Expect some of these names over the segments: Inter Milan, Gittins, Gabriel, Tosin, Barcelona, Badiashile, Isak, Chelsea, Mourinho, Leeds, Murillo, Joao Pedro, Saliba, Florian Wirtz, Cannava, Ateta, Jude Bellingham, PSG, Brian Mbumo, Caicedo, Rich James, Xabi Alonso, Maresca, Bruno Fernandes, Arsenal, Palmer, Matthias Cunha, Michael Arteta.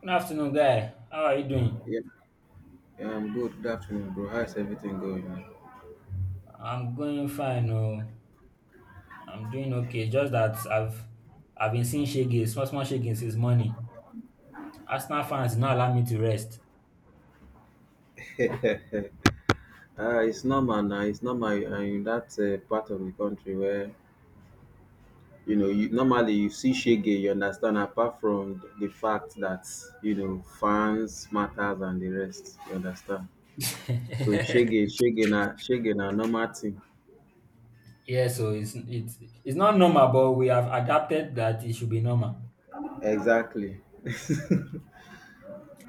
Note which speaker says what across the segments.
Speaker 1: Good afternoon, guy. How are you doing?
Speaker 2: Yeah, yeah, I'm good. Good afternoon, bro. How's everything going, man?
Speaker 1: I'm going fine. Oh, I'm doing okay. Just that I've been seeing shaking, small small shaking since morning. Arsenal fans did not allow me to rest.
Speaker 2: It's normal now. It's normal in that part of the country where you normally, you see shege. You understand? Apart from the fact that fans matters and the rest. You understand? So shege, shege na normal thing.
Speaker 1: Yeah, so it's not normal, but we have adapted that it should be normal.
Speaker 2: Exactly.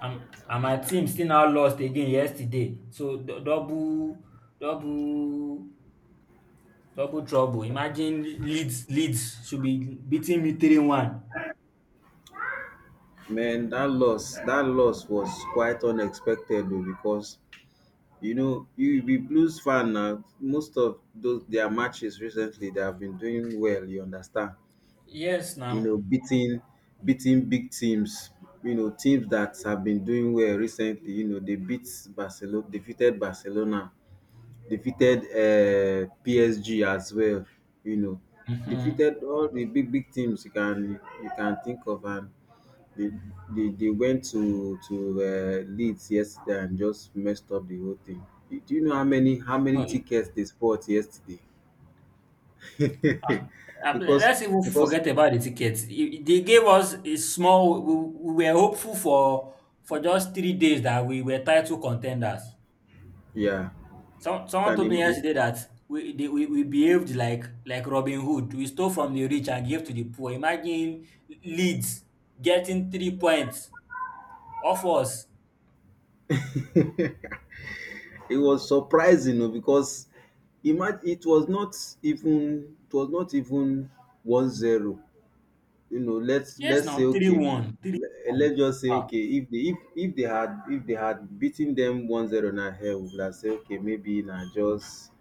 Speaker 1: And my team still now lost again yesterday. So double double trouble. Imagine Leeds should be beating me 3-1.
Speaker 2: Man, that loss was quite unexpected though, because you be Blues fan now. Most of those their matches recently they have been doing well, you understand?
Speaker 1: Yes,
Speaker 2: You
Speaker 1: now.
Speaker 2: know, beating beating big teams, teams that have been doing well recently, they beat Barcelona, defeated PSG as well, you know,
Speaker 1: Mm-hmm.
Speaker 2: defeated all the big teams you can think of. And They, they went to Leeds yesterday and just messed up the whole thing. Do you know how many tickets they bought yesterday?
Speaker 1: Ah, ah,
Speaker 2: because
Speaker 1: let's even
Speaker 2: because
Speaker 1: forget about the tickets. They gave us a small. We were hopeful for just 3 days that we were title contenders.
Speaker 2: yeah,
Speaker 1: Someone
Speaker 2: can
Speaker 1: told me
Speaker 2: im-
Speaker 1: yesterday that we, they, we behaved like Robin Hood. We stole from the rich and gave to the poor. Imagine Leeds getting 3 points off us.
Speaker 2: It was surprising oh, because imagine, it was not even 1-0. Let's
Speaker 1: Yes,
Speaker 2: let's say
Speaker 1: now three
Speaker 2: okay.
Speaker 1: one, three one.
Speaker 2: Let's just say
Speaker 1: Wow.
Speaker 2: okay, if they, if they had beaten them 1-0, na hell we would have said okay, maybe na just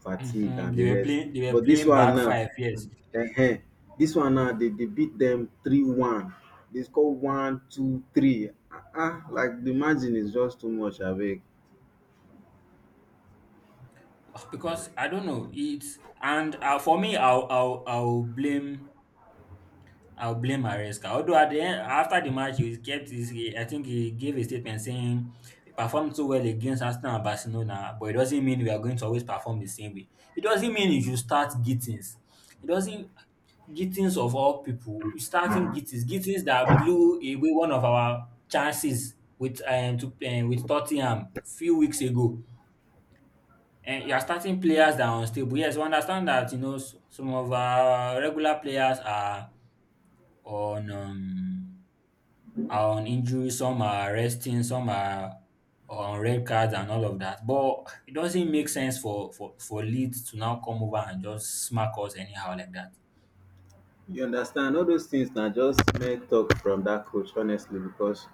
Speaker 2: fatigue and the rest.
Speaker 1: They were
Speaker 2: But this
Speaker 1: playing
Speaker 2: one
Speaker 1: back
Speaker 2: now,
Speaker 1: five. Yes,
Speaker 2: eh, they beat them 3-1. They score one two three, ah ah, like the margin is just too much abeg.
Speaker 1: because I don't know, it's, and for me, I'll blame Maresca. Although at the end after the match, he kept his he- I think he gave a statement saying he performed so well against Arsenal and Barcelona, but it doesn't mean we are going to always perform the same way. It doesn't mean you should start Gittins. It doesn't Gittins of all people, you starting Gittins. That blew away one of our chances with Tottenham few weeks ago, and you are starting players that are unstable. Yes, we understand that you know some of our regular players are on um, on injury, some are resting, some are on red cards and all of that. But it doesn't make sense for Leeds to now come over and just smack us anyhow like that.
Speaker 2: You understand, all those things na just make talk from that coach, honestly, because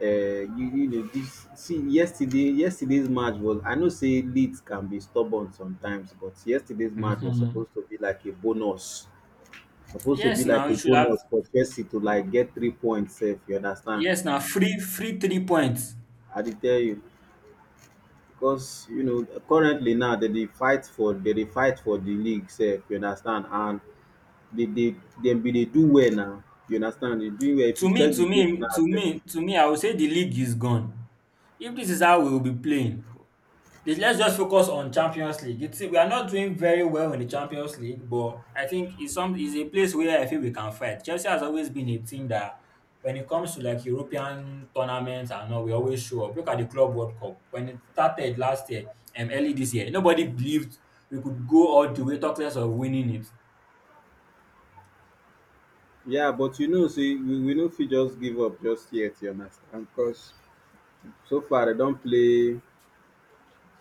Speaker 2: you know dis, see, yesterday's match was, I know sey Leeds can be stubborn sometimes, but yesterday's match was
Speaker 1: hmm
Speaker 2: supposed to be like a bonus supposed to be
Speaker 1: Yes, now
Speaker 2: like a
Speaker 1: it should have.
Speaker 2: bonus for Chelsea to like get 3 points sef, you understand.
Speaker 1: Yes, now free 3 points.
Speaker 2: I dey tell you, because you know currently now, dem dey fight for de league sef, you understand, and dey dem be dey do well now. You understand, dey do well if
Speaker 1: To
Speaker 2: you
Speaker 1: me,
Speaker 2: check de
Speaker 1: to
Speaker 2: table
Speaker 1: me,
Speaker 2: now
Speaker 1: to
Speaker 2: sef.
Speaker 1: me, to me, I would say the league is gone. If this is how we will be playing, please, let's just focus on Champions League. We are not doing very well in the Champions League, but I think it's some is a place where I feel we can fight. Chelsea has always been a team that, when it comes to like European tournaments and all, we always show up. Look at the Club World Cup when it started last year, early this year. Nobody believed we could go all the way, talk less of winning it.
Speaker 2: Yeah, but see, we no fit just give up just yet, you understand? Because so far they don't play,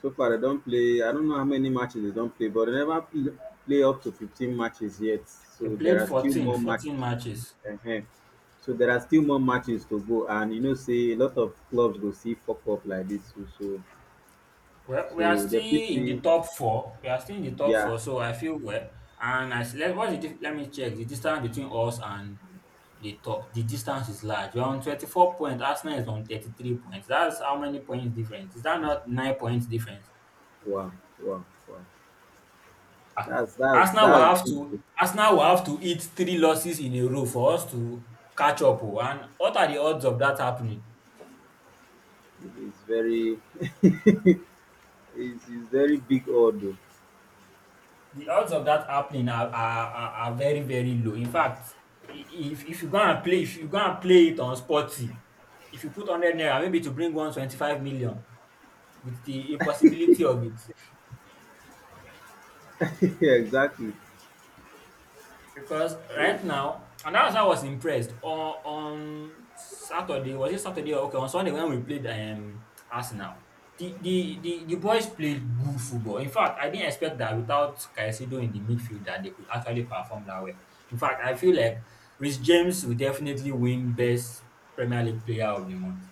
Speaker 2: I don't know how many matches they don't play, but they never play up to 15 matches yet.
Speaker 1: We
Speaker 2: So there
Speaker 1: played
Speaker 2: are still more
Speaker 1: 14
Speaker 2: matches.
Speaker 1: matches.
Speaker 2: uh So there are still more matches to go. And you know, say a lot of clubs go see fuck up like this. So, so,
Speaker 1: Well, we are
Speaker 2: so
Speaker 1: still
Speaker 2: the
Speaker 1: in the
Speaker 2: fit,
Speaker 1: top four. We are still in the top
Speaker 2: yeah.
Speaker 1: four, so I feel well. And let, let me check the distance between us and the top. The distance is large. We're on 24 points. Arsenal is on 33 points. That's how many points difference? Is that not 9 points difference?
Speaker 2: Wow, wow, wow.
Speaker 1: Ah,
Speaker 2: That's, that's, that's,
Speaker 1: Arsenal will have to eat three losses in a row for us to catch up. Oh. And what are the odds of that happening?
Speaker 2: it's very, it's very big order.
Speaker 1: The odds of that happening are very very low, in fact. If you go and play if you go and play it on sporty, if you put 100 naira maybe to bring home 25 million, with the impossibility of it.
Speaker 2: Yeah, exactly.
Speaker 1: Because right now, and that's why I was impressed on Saturday. Was it Saturday? Okay, on Sunday when we played Arsenal, the boys played good football. In fact, I didn't expect that, without Caicedo in the midfield, that they could actually perform that way. In fact, I feel like Rich James will definitely win best Premier League player of the month,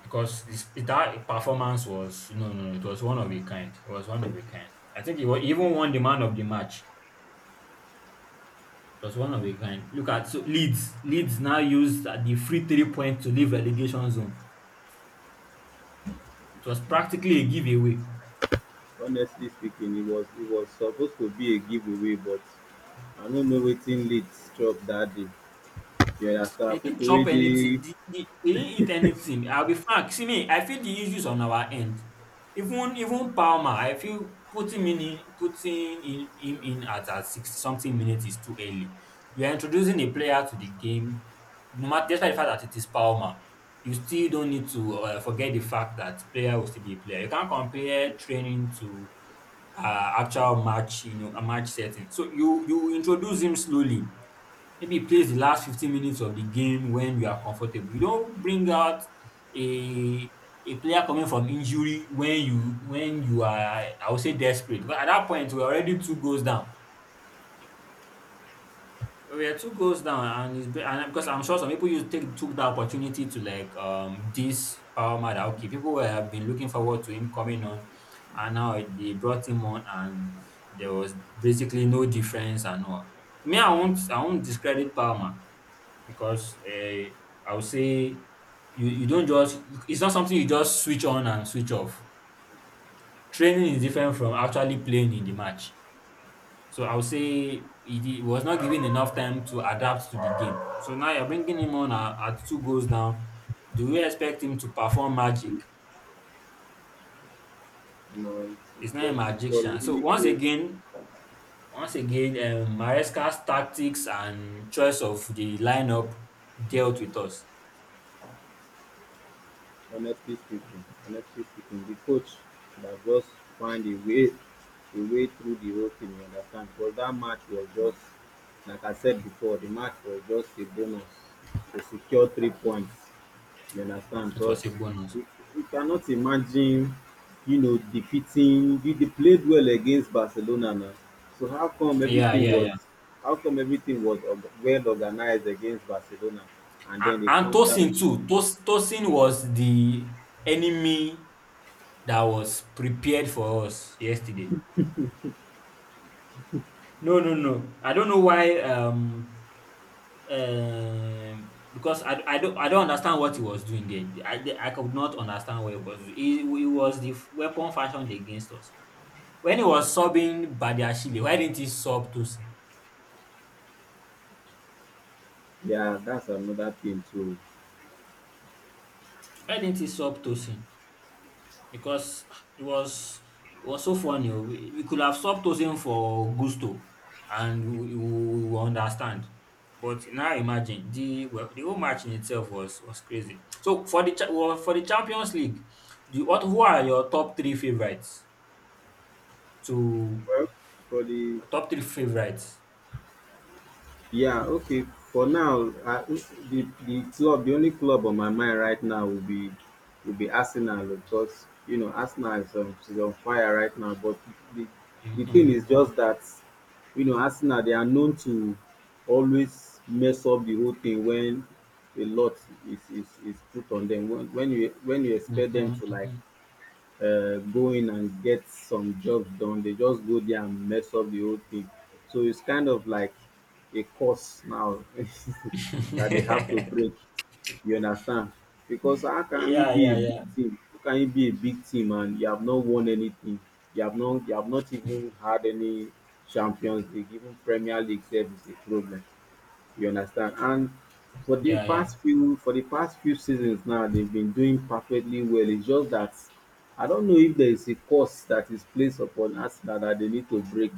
Speaker 1: because that performance was no, no, it was one of a kind. It was one of a kind. I think he even won the man of the match. It was one of a kind. Look at, so, Leeds. Leeds now used the free 3 points to leave relegation zone. It was practically a giveaway.
Speaker 2: Honestly speaking, it was supposed to be a giveaway, but I don't know wetin Leeds chop that day. You
Speaker 1: They
Speaker 2: understand?
Speaker 1: didn't
Speaker 2: People wey
Speaker 1: chop
Speaker 2: dey,
Speaker 1: anything. They didn't eat anything. I'll be frank. See me, I feel the issues on our end. Even Palmer, I feel putting him in, at, 60 something minutes is too early. You are introducing a player to the game, no matter, despite the fact that it is Palmer. You still don't need to. Forget the fact that player will still be a player. You can't compare training to, actual match, you know, a match setting. So you introduce him slowly, maybe plays the last 15 minutes of the game when you are comfortable. You don't bring out a a player coming from injury when you are, I would say, desperate. Because at that point we're already two goals down. We are two goals down, and because I'm sure some people used take took that opportunity to, like, this Palmer, that okay, people have been looking forward to him coming on, and now they brought him on, and there was basically no difference and all. Me, I won't discredit Palmer, because I would say, you don't just it's not something you just switch on and switch off. Training is different from actually playing in the match. So I would say he, he was not given enough time to adapt to the game. So now you're bringing him on at, two goals down. Do you expect him to perform magic?
Speaker 2: know it
Speaker 1: He's
Speaker 2: it
Speaker 1: not a
Speaker 2: was it was
Speaker 1: magician. So
Speaker 2: really
Speaker 1: once
Speaker 2: crazy.
Speaker 1: again, once again, Maresca's tactics and choice of the lineup dealt with us.
Speaker 2: Honestly speaking, the coach na just find a way through the whole thing, you understand? Because that match was just, like I said before, the match was just a bonus to secure 3 points. You understand?
Speaker 1: It
Speaker 2: Because
Speaker 1: was a bonus.
Speaker 2: we, we cannot imagine, defeating. They played well against Barcelona now. So how come
Speaker 1: Yeah,
Speaker 2: everything
Speaker 1: yeah, yeah.
Speaker 2: was, well organized against Barcelona, and then they
Speaker 1: And
Speaker 2: come down
Speaker 1: Tosin
Speaker 2: to.
Speaker 1: too. Tosin was the enemy that was prepared for us yesterday. No, no, no. I don't know why. Because I don't understand what he was doing there. I could not understand what he was doing. He was the weapon fashioned against us. When he was subbing Badiashile, why didn't he sub Tosin?
Speaker 2: Yeah, that's another thing too.
Speaker 1: Why didn't he sub Tosin? Because it was it was so funny. Oh. We could have stopped toasting for gusto, and we understand. But now imagine, the whole match in itself was crazy. So for the, for the Champions League, do you, what who are your top three favorites? To
Speaker 2: Well, probably.
Speaker 1: Top three favorites.
Speaker 2: Yeah, okay. For now, the club, the only club on my mind right now, will be Arsenal, because you know Arsenal is on, fire right now. But the the thing is
Speaker 1: Mm-hmm.
Speaker 2: just that, you know, Arsenal, they are known to always mess up the whole thing when a lot is put on them. When you expect
Speaker 1: Mm-hmm.
Speaker 2: them to, like,
Speaker 1: Mm-hmm.
Speaker 2: going and get some jobs done, they just go there and mess up the whole thing. So it's kind of like a course now, that they have to break. You understand? Because how can you
Speaker 1: Yeah,
Speaker 2: be a
Speaker 1: yeah, yeah,
Speaker 2: big team? How can you be a big team and you have not won anything? You have not even had any Champions League, even Premier League sef is a problem. You understand? And for the
Speaker 1: yeah, yeah.
Speaker 2: past few for the past few seasons now, they've been doing perfectly well. It's just that I don't know if there is a course that is placed upon Arsenal that they need to break,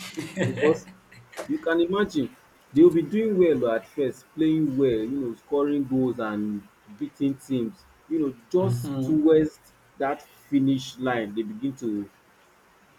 Speaker 2: because you can imagine they'll be doing well at first, playing well, scoring goals and beating teams, just
Speaker 1: Mm-hmm.
Speaker 2: towards that finish line, they begin to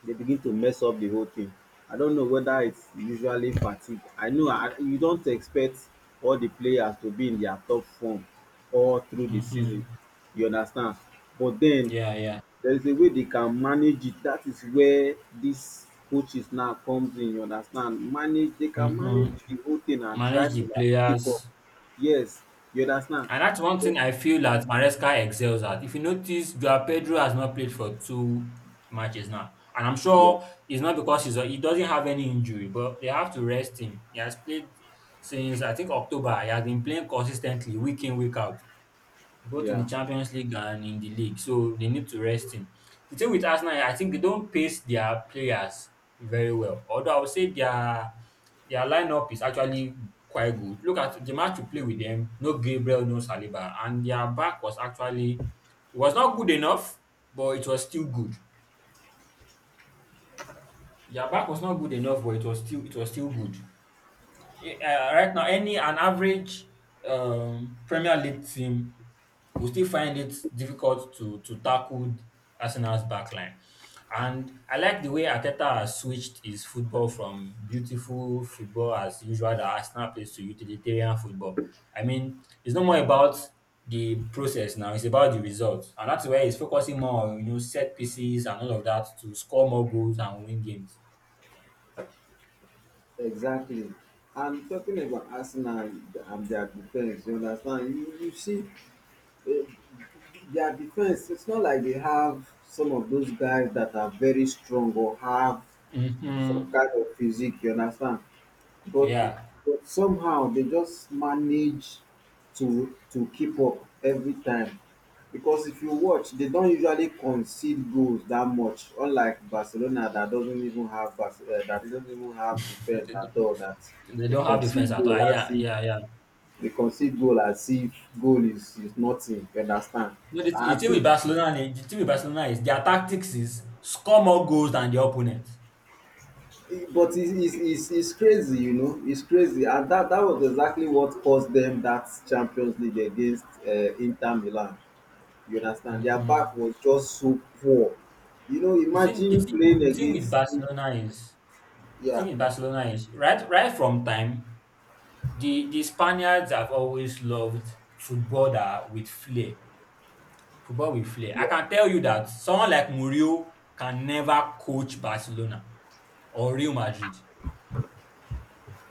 Speaker 2: they begin to mess up the whole thing. I don't know whether it's usually fatigue. I know, you don't expect all the players to be in their top form all through the season.
Speaker 1: Mm-hmm.
Speaker 2: You understand? But then
Speaker 1: Yeah, yeah.
Speaker 2: there is a way they can manage it. That is where this coaches now comes in. You understand? Manage. They can manage
Speaker 1: Mm-hmm.
Speaker 2: the whole thing and try
Speaker 1: Manage
Speaker 2: to,
Speaker 1: the
Speaker 2: like, keep up.
Speaker 1: players.
Speaker 2: Yes, you understand?
Speaker 1: And that's one thing I feel that Maresca excels at. If you notice, Joao Pedro has not played for two matches now. And I'm
Speaker 2: Yeah,
Speaker 1: sure it's not because he doesn't have any injury, but they have to rest him. He has played since, I think, October. He has been playing consistently, week in, week out, both in the
Speaker 2: yeah.
Speaker 1: Champions League and in the league. So they need to rest him. The thing with Arsenal, I think they don't pace their players very well. Although I would say their lineup is actually quite good. Look at the match we play with them. No Gabriel, no Saliba, and their back was, actually, it was not good enough, but it was still good. Their back was not good enough, but it was still, good. Yeah, right now, any an average, Premier League team will still find it difficult to tackle Arsenal's backline. And I like the way Ateta has switched his football from beautiful football, as usual, that Arsenal plays, to utilitarian football. I mean, it's no more about the process now, it's about the results. And that's where he's focusing more on, you know, set pieces and all of that, to score more goals and win games.
Speaker 2: Exactly. And talking about Arsenal and their defense, you understand? You see, eh, their defense, it's not like they have some of those guys that are very strong or have some
Speaker 1: Hmm.
Speaker 2: kind of physique, you understand? But,
Speaker 1: Yeah.
Speaker 2: somehow they just manage to keep up every time, because if you watch, they don't usually concede goals that much, unlike Barcelona that doesn't even have, that doesn't even have defense at all, that
Speaker 1: They
Speaker 2: they
Speaker 1: don't have defense
Speaker 2: concede
Speaker 1: at all. Ah,
Speaker 2: goal as
Speaker 1: yeah,
Speaker 2: if
Speaker 1: yeah, yeah.
Speaker 2: they concede goal as if goal is nothing, you understand.
Speaker 1: No, the
Speaker 2: I
Speaker 1: thing
Speaker 2: think
Speaker 1: with Barcelona, the thing with Barcelona is their tactics is score more goals than the opponent.
Speaker 2: But it's crazy. You know. It's crazy. And that was exactly what caused them that Champions League against Inter Milan. You understand? Their
Speaker 1: Mm-hmm.
Speaker 2: back was just so poor.
Speaker 1: The thing, the
Speaker 2: Imagine
Speaker 1: thing,
Speaker 2: playing
Speaker 1: the thing with
Speaker 2: against.
Speaker 1: Barcelona is the thing
Speaker 2: Yeah,
Speaker 1: with Barcelona is, right, right from time. The Spaniards have always loved football that with flair, football with flair. I
Speaker 2: yeah,
Speaker 1: can tell you that someone like Murillo can never coach Barcelona or Real Madrid.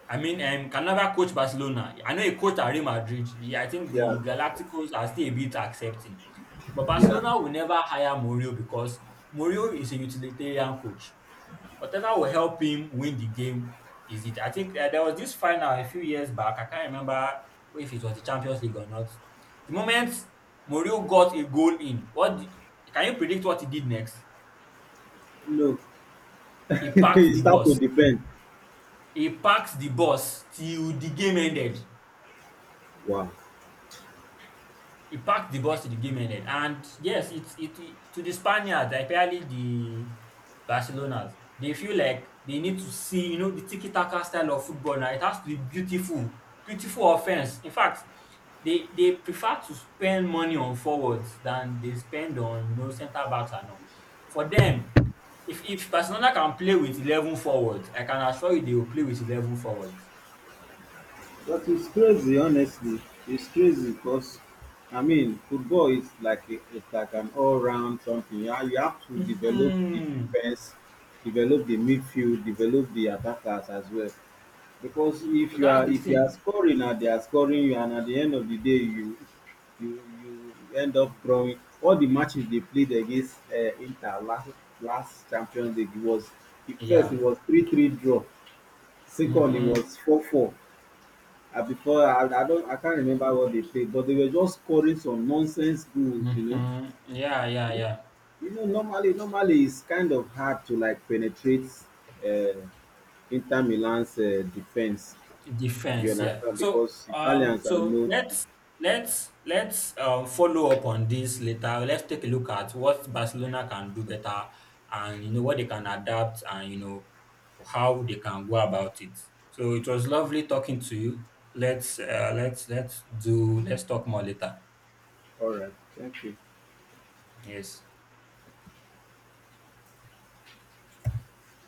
Speaker 1: I mean, Cannava coached Barcelona. I know he coached at Real Madrid. Yeah, I think the
Speaker 2: yeah,
Speaker 1: Galacticos are still a bit accepting. But
Speaker 2: yeah.
Speaker 1: Barcelona will never hire Mourinho, because Mourinho is a utilitarian coach. Whatever will help him win the game, is it. I think there was this final a few years back. I can't remember if it was the Champions League or not. The moment Mourinho got a goal in, can you predict what he did next?
Speaker 2: No,
Speaker 1: He packed
Speaker 2: it
Speaker 1: the
Speaker 2: start to
Speaker 1: bus.
Speaker 2: defend.
Speaker 1: He packed the bus till the game ended.
Speaker 2: Wow.
Speaker 1: He packed the bus to the game ended. And yes, it's, it to the Spaniards, like, especially the Barcelonas, they feel like they need to see, you know, the tiki taka style of football now. It has to be beautiful, beautiful offense. In fact, they prefer to spend money on forwards than they spend on, centre backs and all. For them, if Barcelona can play with 11 forwards, I can assure you they will play with 11 forwards.
Speaker 2: But it's crazy, honestly. It's crazy because, I mean, football is it's like an all-round something. You have to develop the
Speaker 1: Hmm.
Speaker 2: defense, develop the midfield, develop the attackers as well. Because
Speaker 1: So
Speaker 2: if you
Speaker 1: that's
Speaker 2: are,
Speaker 1: the thing.
Speaker 2: scoring and they are scoring you, and at the end of the day, you end up drawing. All the matches they played against Inter last Champions League, it was the first, it
Speaker 1: Yeah.
Speaker 2: was 3-3 draw, second it
Speaker 1: Mm-hmm.
Speaker 2: was 4-4. I before I don't I can't remember what they played, but they were just scoring some nonsense goals. You, know.
Speaker 1: Mhm. Yeah, yeah,
Speaker 2: You,
Speaker 1: yeah.
Speaker 2: normally it's kind of hard to like penetrate uh, Inter Milan's defense. You
Speaker 1: Defense, yeah.
Speaker 2: understand,
Speaker 1: So,
Speaker 2: because
Speaker 1: um,
Speaker 2: Italians are
Speaker 1: so
Speaker 2: known
Speaker 1: let's let's let's um follow up on this later. Let's take a look at what Barcelona can do better, and you know what they can adapt, and you know how they can go about it. So it was lovely talking to you. Let's talk more later.
Speaker 2: All right, thank you.
Speaker 1: Yes.